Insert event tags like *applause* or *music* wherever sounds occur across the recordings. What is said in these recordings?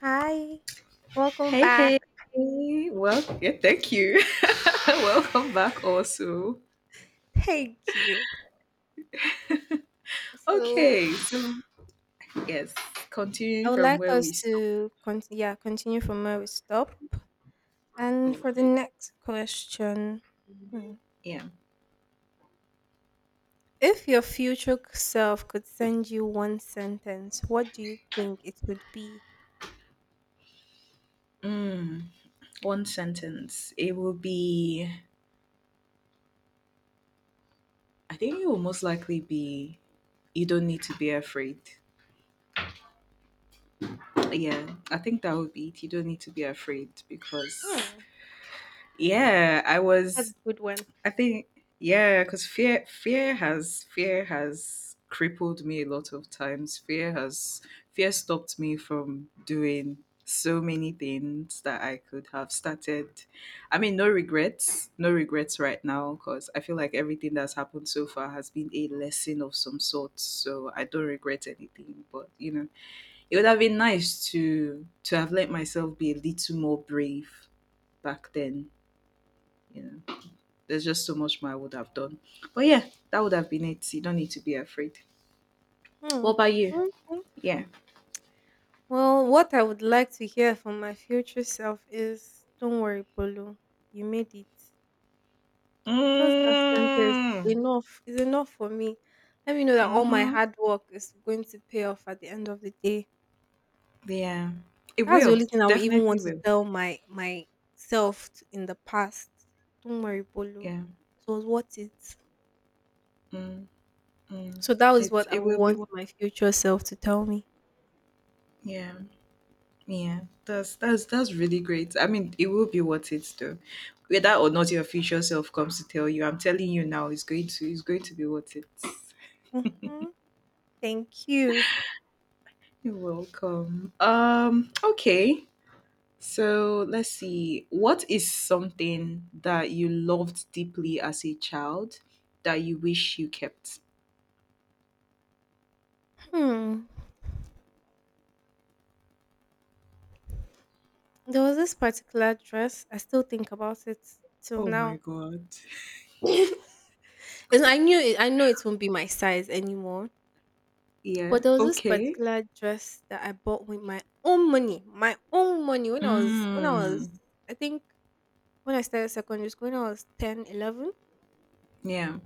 Hi, welcome Hey, back. hey. Well, yeah, thank you. *laughs* Welcome back also. *laughs* Thank you. So, Okay, so yes, continuing I would from like where we us stopped. to continue from where we stop. And Oh, for the right. next question, hmm, Yeah. if your future self could send you one sentence, what do you think it would be? Mm, one sentence. It will be, I think it will most likely be, you don't need to be afraid. Yeah, I think that would be it. You don't need to be afraid because, Hmm, yeah, I that's a was good one. I think yeah, because fear has crippled me a lot of times. Fear stopped me from doing so many things that I could have started. I mean, no regrets, no regrets right now because I feel like everything that's happened so far has been a lesson of some sort. So I don't regret anything. But it would have been nice to have let myself be a little more brave back then. You know there's just so much more I would have done. But yeah, that would have been it. You don't need to be afraid. What Hmm. about you? Okay. Yeah. Well, what I would like to hear from my future self is, don't worry, Polo, you made it. Just that sentence, Mm. enough is enough for me. Let me know that all my Mhm. hard work is going to pay off at the end of the day. Yeah. It That's the will. only thing I would even Definitely want to will. tell my myself in the past. Don't worry, Polo. Yeah. It was worth it. Mm. Mm. So that was It's what I it will be want what my future self to tell me. yeah. Yeah. That's really great. I mean, it will be what it's though. Whether or not your future self comes to tell you, I'm telling you now, it's going to be what it's. Hmm. Thank you. You're welcome. Okay. So let's see. What is something that you loved deeply as a child that you wish you kept? Hmm. There was this particular dress. I still think about it till Oh my now. god. *laughs* And I know it won't be my size anymore. Yeah. But there was this Okay. particular dress that I bought with my own money when I was when I Mm. was I think when I started secondary school, when I was 10, 11. Yeah.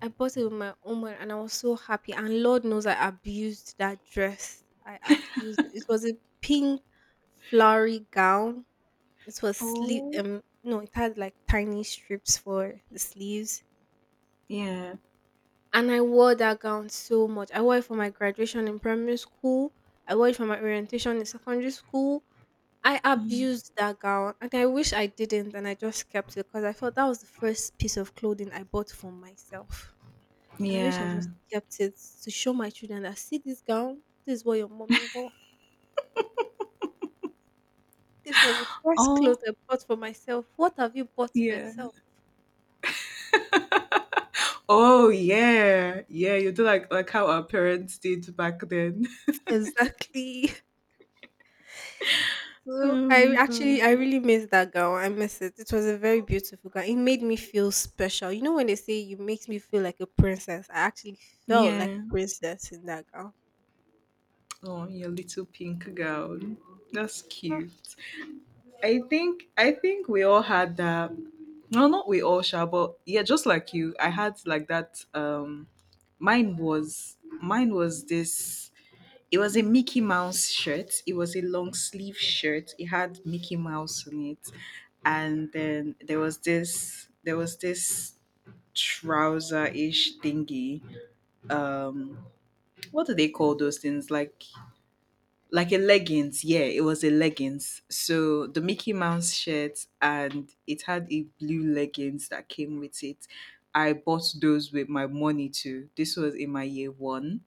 I bought it with my own money and I was so happy. And Lord knows I abused that dress. I abused it. It was a pink flowery gown. It was sleeve Oh. No, It had like tiny strips for the sleeves. Yeah. And I wore that gown so much. I wore it for my graduation in primary school. I wore it for my orientation in secondary school. I Mm. abused that gown and I wish I didn't and I just kept it, because I felt that was the first piece of clothing I bought for myself. And I wish I Yeah. just kept it to show my children that, see this gown, this is what your mommy wore. This was the first Oh, clothes I bought for myself. What have you bought for yeah. yourself? Oh yeah. Yeah. You do like how our parents did back then. Exactly. *laughs* *laughs* So Oh my I god. really miss that gown. I miss it. It was a very beautiful gown. It made me feel special. You know when they say you makes me feel like a princess, I actually felt like Yeah. a princess in that gown. Oh, your little pink gown. That's Ah. cute. I think we all had that. No, not we all, Sha, but yeah, just like you, I had like that. Mine was this. It was a Mickey Mouse shirt. It was a long sleeve shirt. It had Mickey Mouse on it, and then there was this. There was this trouser ish thingy. Um, what do they call those things? Like a leggings, yeah, it was a leggings. So the Mickey Mouse shirt, and it had a blue leggings that came with it. I bought those with my money too. This was in my year one.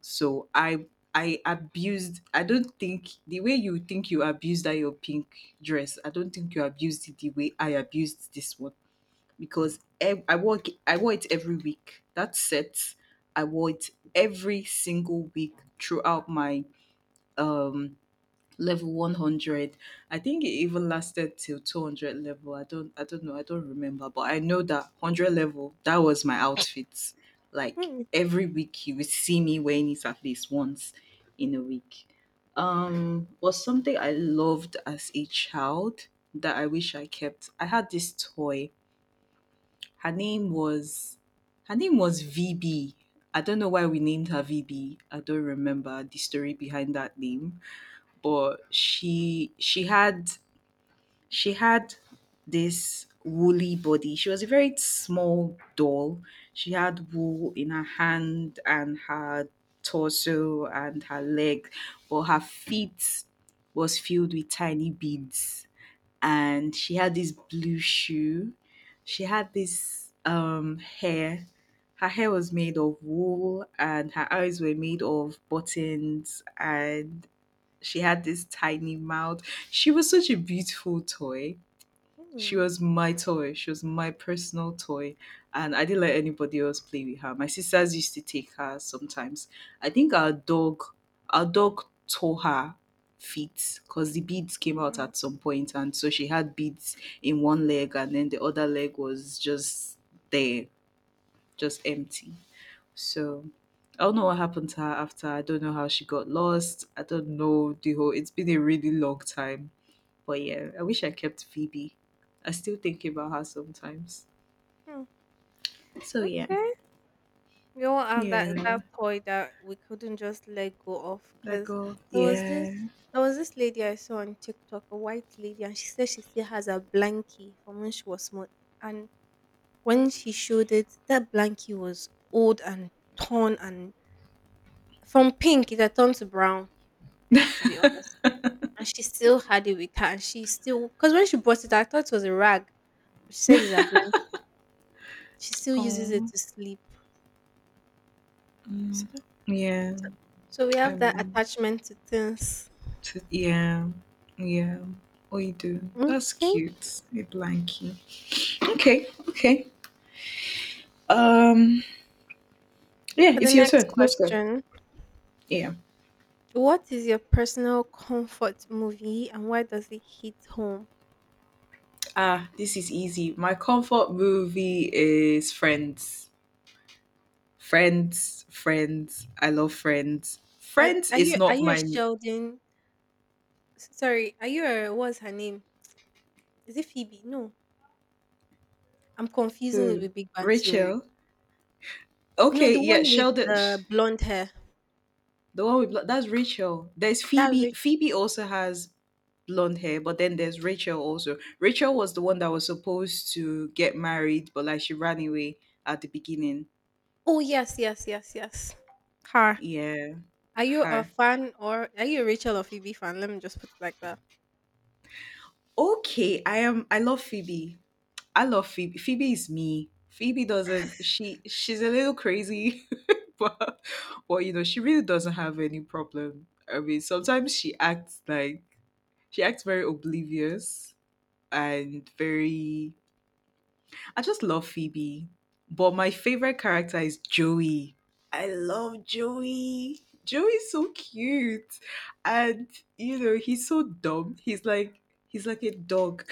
So I abused. I don't think the way you think you abused that your pink dress, I don't think you abused it the way I abused this one because I wore it every week that set. I wore it every single week throughout my um level 100. I think it even lasted till 200 level. I don't know, I don't remember, but I know that 100 level, that was my outfit. Like Mm. every week you would see me wearing it at least once in a week. Was something I loved as a child that I wish I kept. I had this toy. Her name was her name was VB. I don't know why we named her VB. I don't remember the story behind that name, but she had this woolly body. She was a very small doll. She had wool in her hand and her torso and her leg, but her feet was filled with tiny beads. And she had this blue shoe. She had this hair. Her hair was made of wool and her eyes were made of buttons, and she had this tiny mouth. She was such a beautiful toy. She Hmm. was my toy. She was my personal toy. And I didn't let anybody else play with her. My sisters used to take her sometimes. I think our dog tore her feet because the beads came out Wow. at some point, and so she had beads in one leg and then the other leg was just there, just empty. So I don't know what happened to her after. I don't know how she got lost. I don't know the whole. It's been a really long time. But yeah, I wish I kept Phoebe. I still think about her sometimes. Hmm. So yeah, Okay. That yeah, toy that we couldn't just let go of, that cause girl. there was this Yeah. Lady I saw on TikTok, a white lady, and she said she still has a blankie from when she was small, and when she showed it, that blankie was old and torn and from pink it had turned to brown, to be honest, and she still had it with her, and she still because when she bought it, I thought it was a rag, but she said it's a blanket. She still uses it Oh. to sleep. "Oh." Mm. So Yeah. We I have that mean, attachment to things. Yeah, yeah. What you do? That's Okay. cute. A blankie. Okay. Okay. Um. Yeah. For the It's your next turn. Let's go. question, Yeah. what is your personal comfort movie and why does it hit home? Ah, this is easy. My comfort movie is Friends. Friends, Friends. I love Friends. Friends is Are not you a my Sheldon? Sorry, are you a what's her name? Is it Phoebe? No, I'm confusing it who? with Big Bang Theory. Rachel. No, Okay, the yeah, one with Sheldon. The blonde hair. The one with blonde. That's Rachel. There's That's Phoebe. Rachel. Phoebe also has blonde hair, but then there's Rachel also. Rachel was the one that was supposed to get married, but like she ran away at the beginning. Oh yes, yes, yes, yes. Her. Yeah, Are you a her. fan, or are you a Rachel or Phoebe fan? Let me just put it like that. Okay, I am. I love Phoebe. I love Phoebe. Phoebe is me. Phoebe doesn't. She she's a little crazy, *laughs* but but you know she really doesn't have any problem. I mean, sometimes she acts very oblivious and very. I just love Phoebe, but my favorite character is Joey. I love Joey. Joey's so cute, and you know he's so dumb. He's like a dog.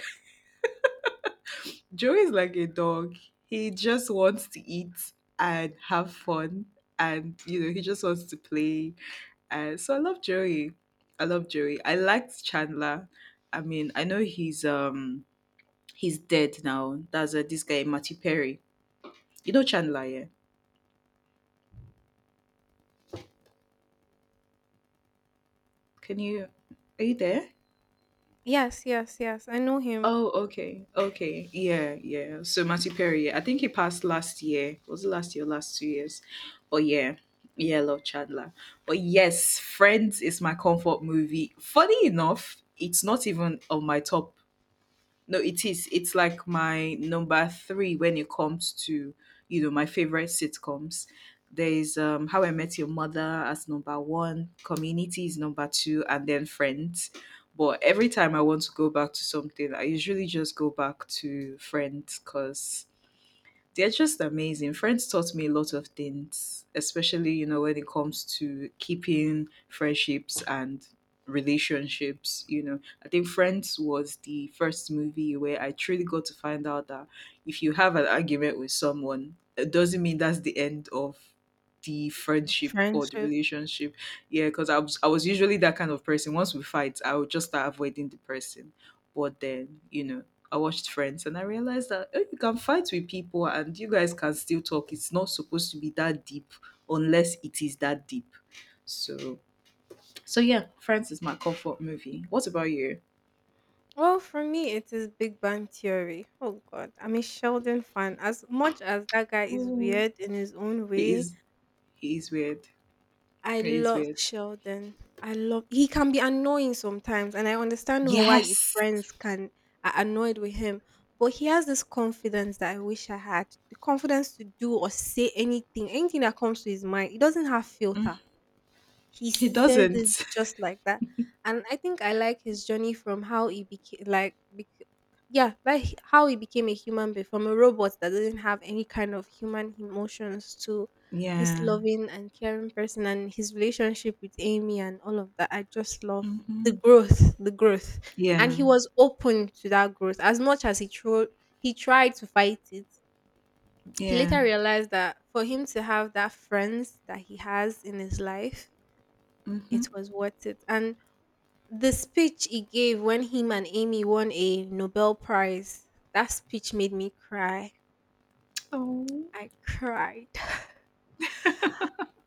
Joey is like a dog. He just wants to eat and have fun, and you know he just wants to play. And so I love Joey. I love Joey. I liked Chandler. I mean, I know he's he's dead now. That's this guy Matty Perry. You know Chandler, yeah? Can you? Are you there? Yes, yes, yes. I know him. Oh, okay. Okay. Yeah, yeah. So Matthew Perry, yeah, I think he passed last year. Was it last year, last 2 years? But yeah. Yeah, I love Chandler. But yes, Friends is my comfort movie. Funny enough, it's not even on my top no, it is. It's like my number three when it comes to, you know, my favorite sitcoms. There's How I Met Your Mother as number one, Community is number two, and then Friends. But every time I want to go back to something, I usually just go back to Friends because they're just amazing. Friends taught me a lot of things, especially, you know, when it comes to keeping friendships and relationships. You know, I think Friends was the first movie where I truly got to find out that if you have an argument with someone, it doesn't mean that's the end of the friendship or the Friendship. relationship. Yeah, because I was usually that kind of person. Once we fight, I would just start avoiding the person. But then, you know, I watched Friends and I realized that eh, you can fight with people and you guys can still talk. It's not supposed to be that deep unless it is that deep. So, so yeah, Friends is my comfort movie. What about you? Well, for me, it is Big Bang Theory. Oh God, I'm a Sheldon fan. As much as that guy is Oh, weird in his own he way, is he is weird. I He is love weird. Sheldon. I love He can be annoying sometimes and I understand why his Yes, friends can are annoyed with him. But he has this confidence that I wish I had. The confidence to do or say anything, anything that comes to his mind. He doesn't have filter, he he says it doesn't. *laughs* just like that. And I think I like his journey from how he became how he became a human being, from a robot that doesn't have any kind of human emotions to this Yeah. loving and caring person, and his relationship with Amy and all of that. I just love the Hmm. growth, and Yeah. he was open to that growth. As much as he tried to fight it, he Yeah. later realized that for him to have that friends that he has in his life, Hmm. it was worth it. And the speech he gave when him and Amy won a Nobel Prize, that speech made me cry. Oh. I cried. *laughs*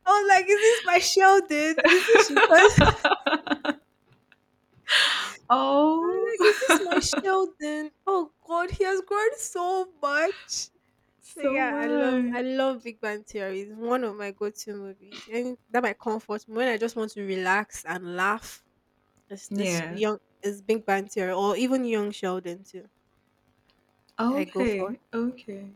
I was like, is this my Sheldon? Is this because *laughs* I *laughs* was like, is this my Oh. Sheldon? Oh God, he has grown so much. *laughs* So So yeah, much. I love Big Bang Theory. It's one of my go-to movies, and that might comfort me when I just want to relax and laugh. It's this Yeah. young, it's Big Bang Theory, or even Young Sheldon too. I go for. Okay, okay.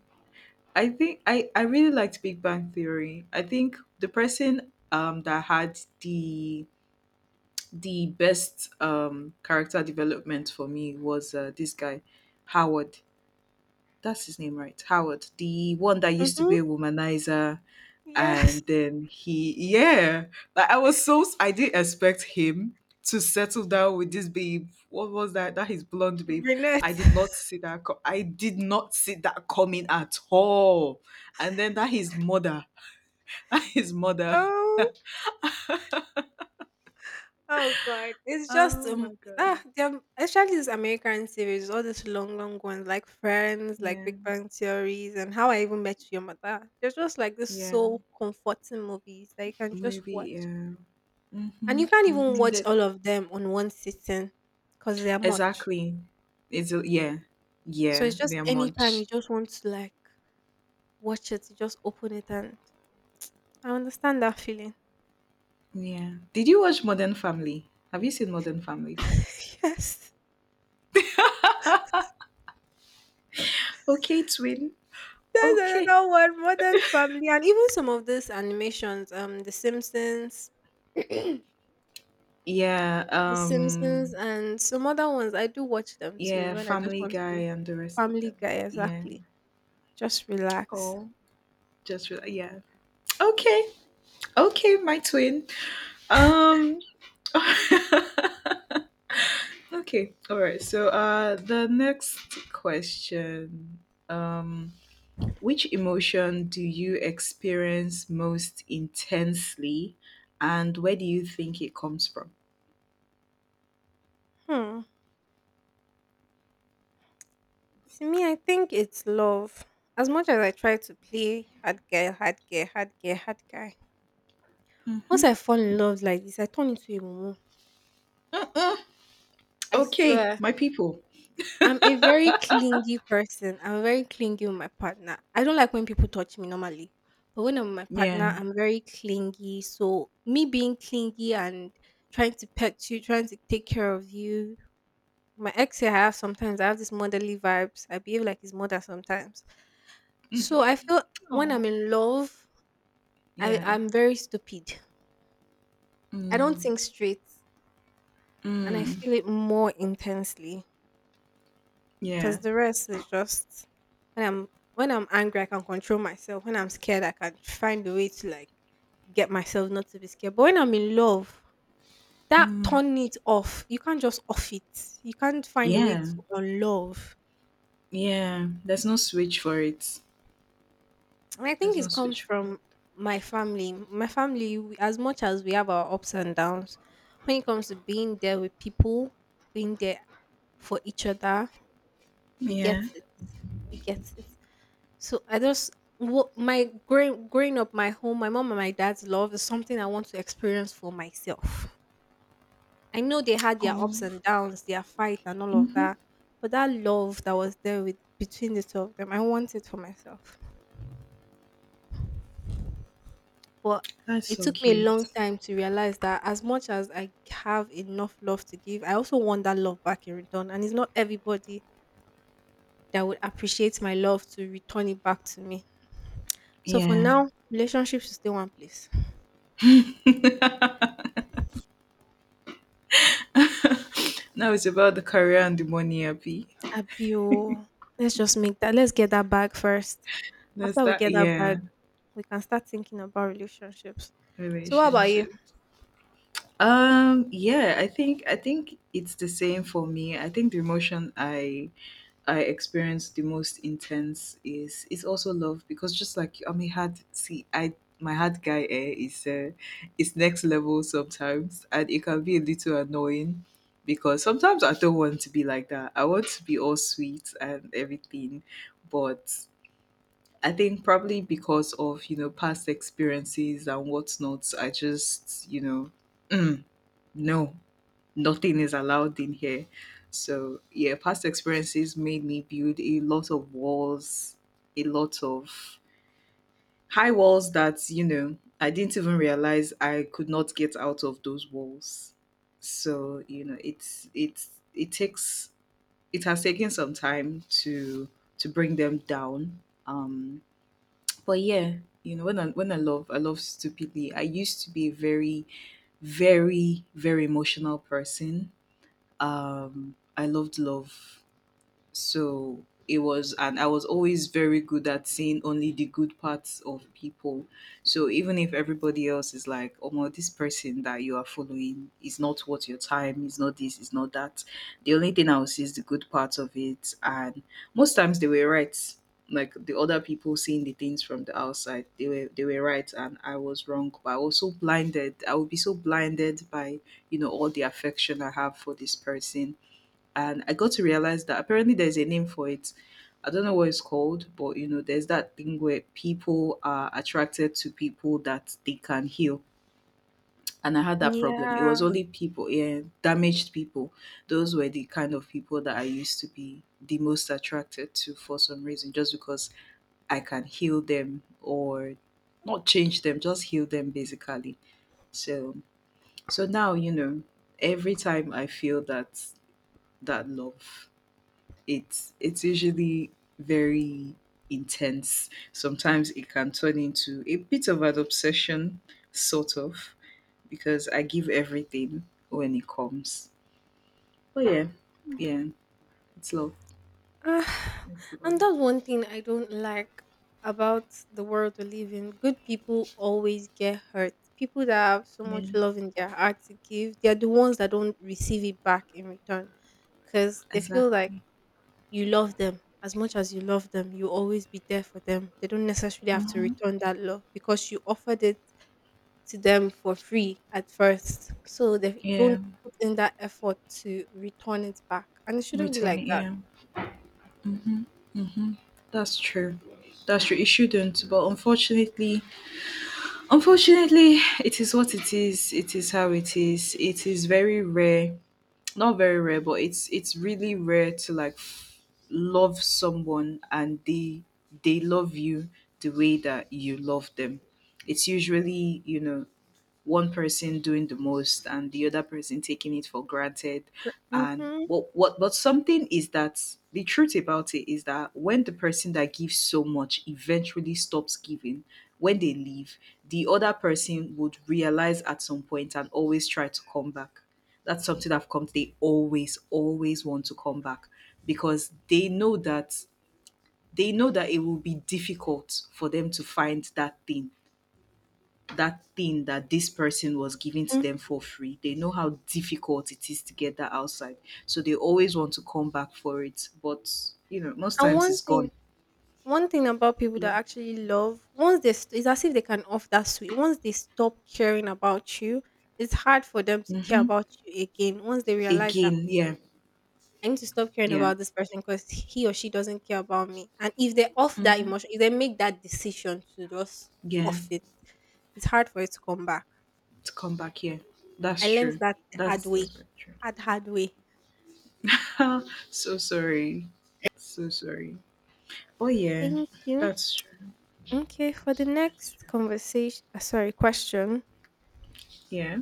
I think I really liked Big Bang Theory. I think the person that had the best character development for me was this guy Howard. That's his name, right? Howard, the one that used to be Mhm. a womanizer, Yes, and then he, yeah, like I was so I didn't expect him to settle down with this babe. What was that? That his blonde babe. I brunette. did not *laughs* see that. I did not see that coming at all. And then that his mother, *laughs* that his mother. Oh, oh God! It's just Oh my god. ah, they're- Especially these American series, all these long, long ones like Friends, like Yeah, Big Bang Theories, and How I Even Met Your Mother. They're just like this yeah, so comforting movies that you can just maybe, watch, yeah. and Mm-hmm, you can't even mm-hmm. watch That, all of them on one sitting because they are much. exactly. It's a, yeah, So yeah. it's just They're anytime much. you just want to like watch it, you just open it, and I understand that feeling. Yeah. Did you watch Modern Family? Have you seen Modern Family? *laughs* Yes. Okay, twin. There's Okay. another one. Modern Family, and even some of these animations, The Simpsons, *clears throat* The Yeah, Simpsons, and some other ones. I do watch them too yeah, when I just Family want to. Guy and the rest of Family them. Guy, Yeah. exactly. Just relax. All yeah. Okay. Okay, my twin. Um. *laughs* Okay. All right. So, the next question um which emotion do you experience most intensely and where do you think it comes from? Hmm. To me, I think it's love. As much as I try to play hard guy, hard guy. Once Mhm. I fall in love like this, I turn into a mumu. Mm, I okay, swear. my people. I'm a very clingy person. I'm very clingy with my partner. I don't like when people touch me normally, but when I'm with my partner, Yeah. I'm very clingy. So me being clingy and trying to pet you, trying to take care of you. I have sometimes I have this motherly vibes. I behave like his mother sometimes. So I feel when I'm Oh. in love, Yeah. I'm very stupid. I don't Mm, think straight and I mm, feel it more intensely. yeah. Cause the rest is just when I'm when I'm angry, I can control myself. When I'm scared, I can find a way to like get myself not to be scared. But when I'm in love, that Mm, turn it off. You can't just off it. You can't find a way yeah. to unlove. Yeah. There's no switch for it. And I There's think no it comes switch for it. from my family. We- as much as we have our ups and downs, when it comes to being there with people, being there for each other, we get Yeah. it. We get it. So I just what my growing up, my home, my mom and my dad's love is something I want to experience for myself. I know they had their ups Oh. and downs, their fight and all of Mm-hmm. that, but that love that was there with between the two of them, I want it for myself. But That's it so took me a cute. long time to realize that as much as I have enough love to give, I also want that love back in return. And it's not everybody that would appreciate my love to return it back to me. So for Yeah. now, relationship should stay one place. *laughs* Now it's about the career and the money, Abby. Abi. Let's just make that. Let's get that bag first. That's After we that. get that Yeah. bag, we can start thinking about relationships. So, what about you? Relationship. Yeah. I think. I think it's the same for me. I think the emotion I experienced the most intense is also love because just like I'm a hard see I my hard guy eh, is next level sometimes and it can be a little annoying because sometimes I don't want to be like that. I want to be all sweet and everything, but I think probably because of you know past experiences and whatnot, I just you know *clears throat* no nothing is allowed in here. So yeah, past experiences made me build a lot of walls, a lot of high walls that, you know, I didn't even realize I could not get out of those walls. So, you know, it's it takes it has taken some time to bring them down. Um but yeah, you know, when I love, I love stupidly. I used to be a very, very, very emotional person. I loved love. So it was, and I was always very good at seeing only the good parts of people. So even if everybody else is like, oh my, this person that you are following is not worth your time, is not this, is not that, the only thing I will see is the good parts of it. And most times they were right. Like, the other people seeing the things from the outside, they were right and I was wrong. But I was so blinded, I would be so blinded by, you know, all the affection I have for this person. And I got to realize that apparently there's a name for it. I don't know what it's called, but you know, there's that thing where people are attracted to people that they can heal. And I had that problem. It was Yeah. only people, yeah, damaged people. Those were the kind of people that I used to be the most attracted to, for some reason, just because I can heal them, or not change them, just heal them basically. So, so now, you know, every time I feel that, that love, it's usually very intense. Sometimes it can turn into a bit of an obsession, sort of, because I give everything when it comes. But yeah, yeah, it's love. Ah, It's and love. that's one thing I don't like about the world we live in. Good people always get hurt. People that have so Yeah, much love in their heart to give, they're the ones that don't receive it back in return because they feel like exactly. you love them. As much as you love them, you always be there for them. They don't necessarily have to Hmm. return that love because you offered it to them for free at first, so they Yeah, don't put in that effort to return it back, and it shouldn't be like returning. that. Yeah, that's true. That's true. It shouldn't, but unfortunately, unfortunately, it is what it is. It is how it is. It is very rare, not very rare, but it's really rare to like love someone and they love you the way that you love them. It's usually, you know, one person doing the most and the other person taking it for granted. And Mm-hmm. what but something is that the truth about it is that when the person that gives so much eventually stops giving, when they leave, the other person would realize at some point and always try to come back. That's something I've come to. They always, always want to come back, because they know that, they know that it will be difficult for them to find that thing, that thing that this person was giving to And them for free. They know how difficult it is to get that outside. So they always want to come back for it. But, you know, most times one it's thing gone. one thing about people Yeah. that actually love, once they it's as if they can off that sweet. Once they stop caring about you, it's hard for them to care Mm-hmm. about you again. Once they realize that Again. Yeah. I need to stop caring Yeah. about this person because he or she doesn't care about me, and if they off that Mm-hmm. emotion, if they make that decision to just Yeah. off it, it's hard for it to come back. To come back here. That's I learned true. that the hard That's, way, that's very hard way. true. *laughs* So sorry. So sorry. Oh, yeah. Thank you. That's true. Okay, for the That's next true. Question. Yeah.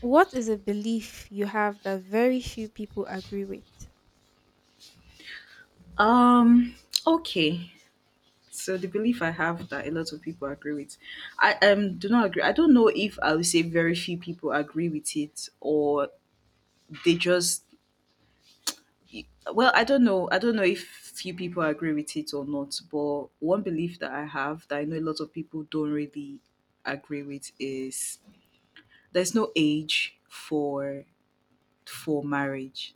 What is a belief you have that very few people agree with? Um, okay. So the belief I have that a lot of people agree with, I do not agree. I don't know if I would say very few people agree with it, or they just, well, I don't know, I don't know if few people agree with it or not. But one belief that I have that I know a lot of people don't really agree with is there's no age for marriage.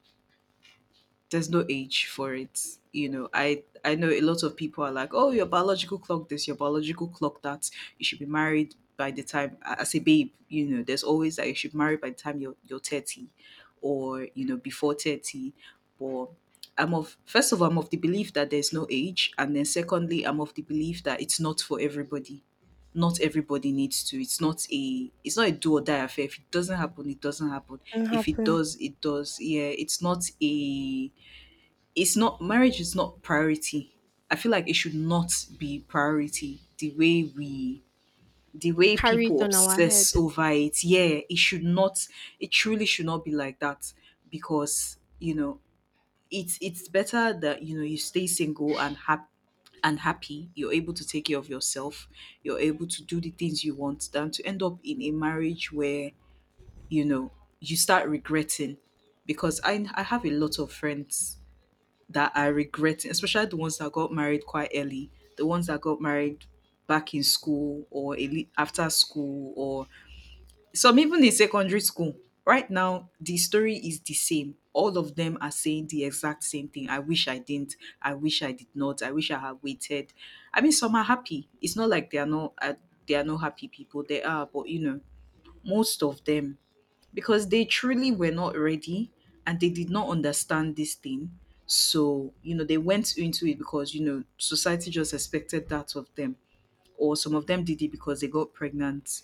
There's no age for it. You know, I know a lot of people are like, oh, your biological clock this, your biological clock that, you should be married by the time, as a babe, you know, there's always that you should marry by the time you're 30, or you know, before 30. But I'm of, first of all, I'm of the belief that there's no age, and then secondly, I'm of the belief that it's not for everybody. Not everybody needs to. It's not a do or die affair. If it doesn't happen, it doesn't happen. Can If it happen. does, it does. Yeah, it's not a, it's not, marriage is not priority. I feel like it should not be priority the way we, the way Carry it people on our head. obsess over it. Yeah, it should not, it truly should not be like that. Because, you know, it's better that, you know, you stay single and happy, and happy, you're able to take care of yourself, you're able to do the things you want, than to end up in a marriage where, you know, you start regretting. Because I have a lot of friends that are regretting, especially the ones that got married quite early, the ones that got married back in school or a after school, or some even in secondary school. Right now, the story is the same. All of them are saying the exact same thing. I wish I didn't. I wish I did not. I wish I had waited. I mean, some are happy. It's not like they are not happy people. They are, but you know, most of them, because they truly were not ready, and they did not understand this thing. So, you know, they went into it because, you know, society just expected that of them. Or some of them did it because they got pregnant.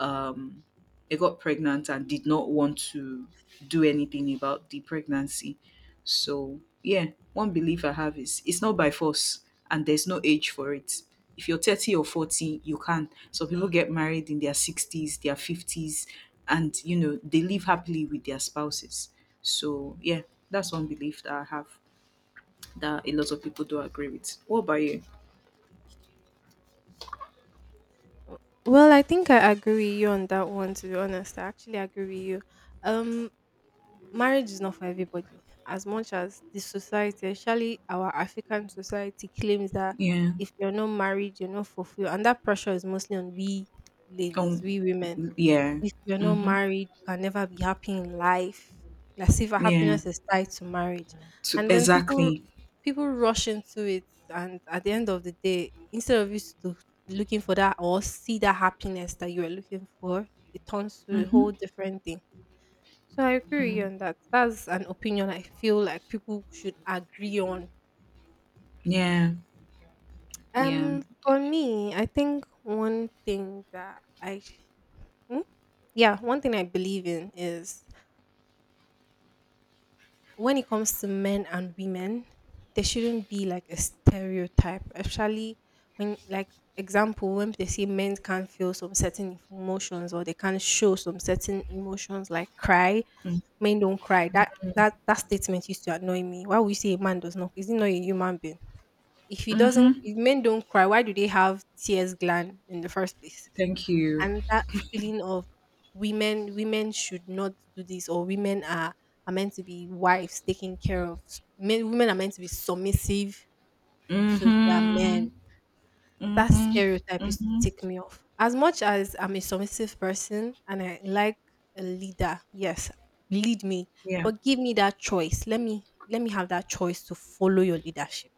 um I got pregnant and did not want to do anything about the pregnancy. So, yeah, one belief I have is it's not by force, and there's no age for it. If you're 30 or 40, you can. Some people get married in their 60s, their 50s, and you know, they live happily with their spouses. So, yeah, that's one belief that I have that a lot of people do agree with. What about you? Well, I think I agree with you on that one. To be honest, I actually agree with you. Um, Marriage is not for everybody. As much as the society, especially our African society, claims that Yeah. if you're not married, you're not fulfilled, and that pressure is mostly on we ladies, Um, we women. yeah. If you're not Mm-hmm. married, you can never be happy in life. As if Yeah. happiness is tied to marriage. So, And then people exactly. people rush into it and at the end of the day, instead of you to looking for that or see that happiness that you are looking for, it turns to a Mm-hmm. whole different thing. So I agree with you Mm. on that. That's an opinion I feel like people should agree on. Yeah. Yeah. For me, I think one thing that I, Hmm? Yeah, one thing I believe in is when it comes to men and women, there shouldn't be like a stereotype, especially when, like, example, when they say men can't feel some certain emotions or they can't show some certain emotions, like cry, men don't cry. That statement used to annoy me. Why would you say a man does not? Is he not a human being? If he doesn't, Mm-hmm. If men don't cry, why do they have tears gland in the first place? Thank you. And that feeling of women should not do this, or women are meant to be wives taking care of men, women are meant to be submissive to their Mm-hmm. men. That Mm-hmm. stereotype used to Mm-hmm. tick me off. As much as I'm a submissive person and I like a leader, yes, lead me, Yeah. but give me that choice. Let me have that choice to follow your leadership,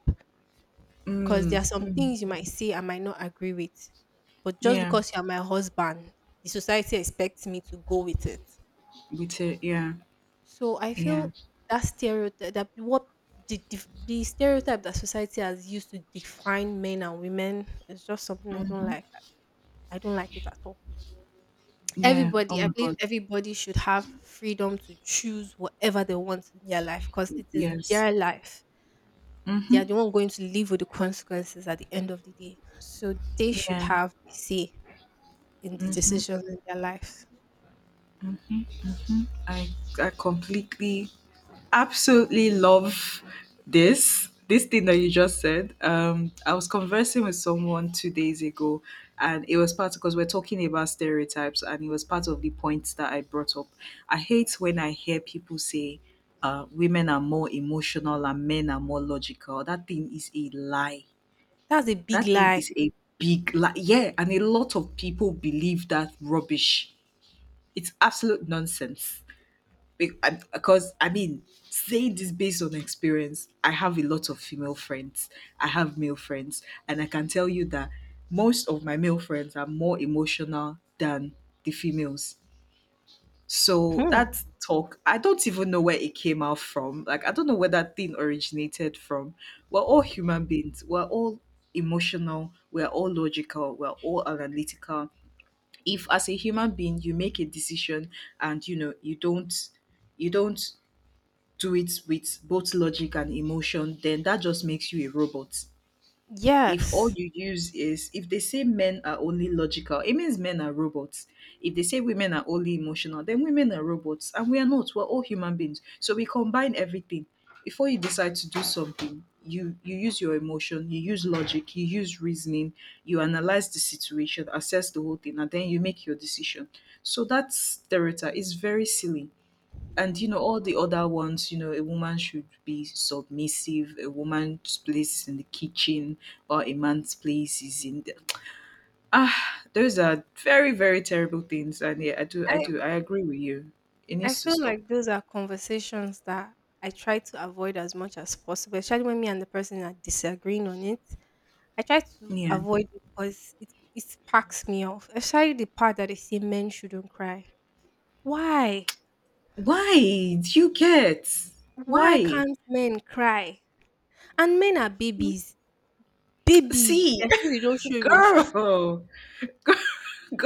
because Mm. there are some Mm. things you might say I might not agree with. But just Yeah. because you're my husband, the society expects me to go with it. With it. Yeah. So I Yeah. feel that stereotype that the stereotype that society has used to define men and women is just something I don't Mm-hmm. like. I don't like it at all. Yeah. Oh Everybody, I my believe God. everybody should have freedom to choose whatever they want in their life, because it is Yes. their life. They Mm-hmm. are the one going to live with the consequences at the end of the day. So they should Yeah. have a say in the decisions in their life. I I completely, absolutely love this thing that you just said. I was conversing with someone 2 days ago, and it was part because we're talking about stereotypes, and it was part of the points that I brought up. I hate when I hear people say, women are more emotional and men are more logical. That thing is a lie. That's a big That thing lie. is a big lie. Yeah, and a lot of people believe that rubbish. It's absolute nonsense. Because I mean, saying this based on experience, I have a lot of female friends. I have male friends, and I can tell you that most of my male friends are more emotional than the females. So Hmm. that talk, I don't even know where it came out from. Like, I don't know where that thing originated from. We're all human beings. We're all emotional. We're all logical. We're all analytical. If as a human being you make a decision, and you know, you don't do it with both logic and emotion, then that just makes you a robot. If all Yes. you use is, if they say men are only logical, it means men are robots. If they say women are only emotional, then women are robots. And we are not, we're all human beings. So we combine everything. Before you decide to do something, you use your emotion, you use logic, you use reasoning, you analyze the situation, assess the whole thing, and then you make your decision. So that stereotype is very silly. And you know, all the other ones, you know, a woman should be submissive, a woman's place is in the kitchen, or a man's place is in the, ah, those are very, very terrible things. And yeah, i do i I do I agree with you. It I needs to feel stop. like those are conversations that I try to avoid as much as possible, especially when me and the person are disagreeing on it. I try to Yeah, avoid it because it packs me off. Especially the part that they say men shouldn't cry. Why? why do you get, Why why. can't men cry? And men are babies. Babies. See. They say they don't show emotion. *laughs* Girl,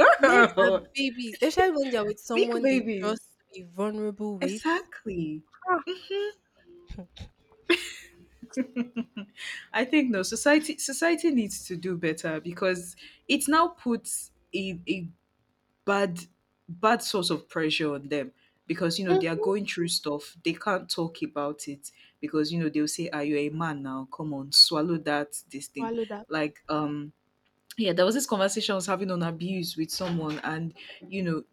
*laughs* Men are babies. Especially when they're with Big someone they trust babies. to be vulnerable with. Exactly. Ah. *laughs* I think, no, society needs to do better. Because it now puts a bad, bad source of pressure on them. Because you know, they are Mhm. going through stuff, they can't talk about it, because you know, they'll say, are you a man now, come on, swallow that, this thing. Swallow that. Like, yeah, there was this conversation I was having on abuse with someone. And you know,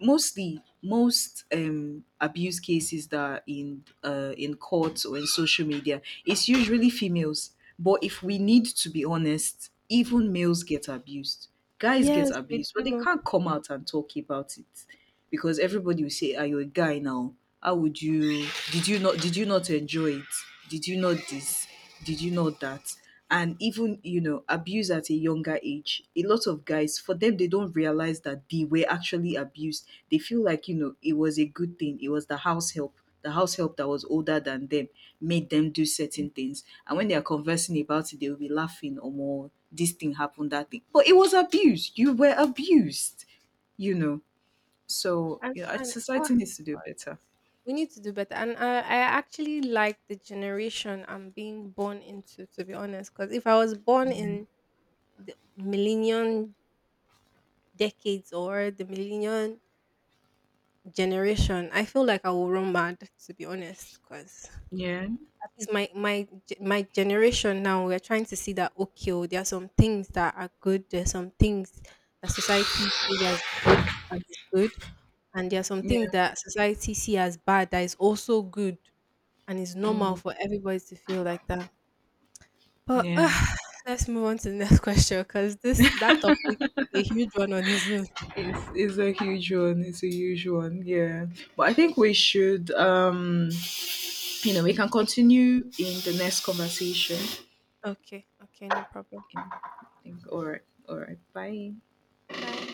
mostly, most abuse cases that are in courts or in social media, it's usually females. But if we need to be honest, even males get abused. Guys get Yes, we abused, but they do. can't come out and talk about it. Because everybody will say, "Are you a guy now? How would you? Did you not? Did you not enjoy it? Did you not this? Did you not that?" And even, you know, abuse at a younger age. A lot of guys, for them, they don't realize that they were actually abused. They feel like, you know, it was a good thing. It was the house help. The house help that was older than them made them do certain things. And when they are conversing about it, they will be laughing or more. This thing happened, that thing. But it was abuse. You were abused, you know. So And yeah, and ah, society needs to do better. we need to do better. And I actually like the generation I'm being born into, to be honest. Because if I was born Yeah, in the millennium decades, or the millennium generation, I feel like I will run mad, to be honest. Because yeah, at my generation now, we're trying to see that, okay, oh, there are some things that are good, there's some things that society sees as good and is good, and there are some yeah, things that society see as bad that is also good, and it's normal mm, for everybody to feel like that. But yeah. *sighs* Let's move on to the next *laughs* question, because this that topic is a huge one on its own. It's a huge one. It's a huge one. Yeah, but I think we should. You know, we can continue in the next conversation. Okay, okay, no problem. I All right, all right. Bye. Bye.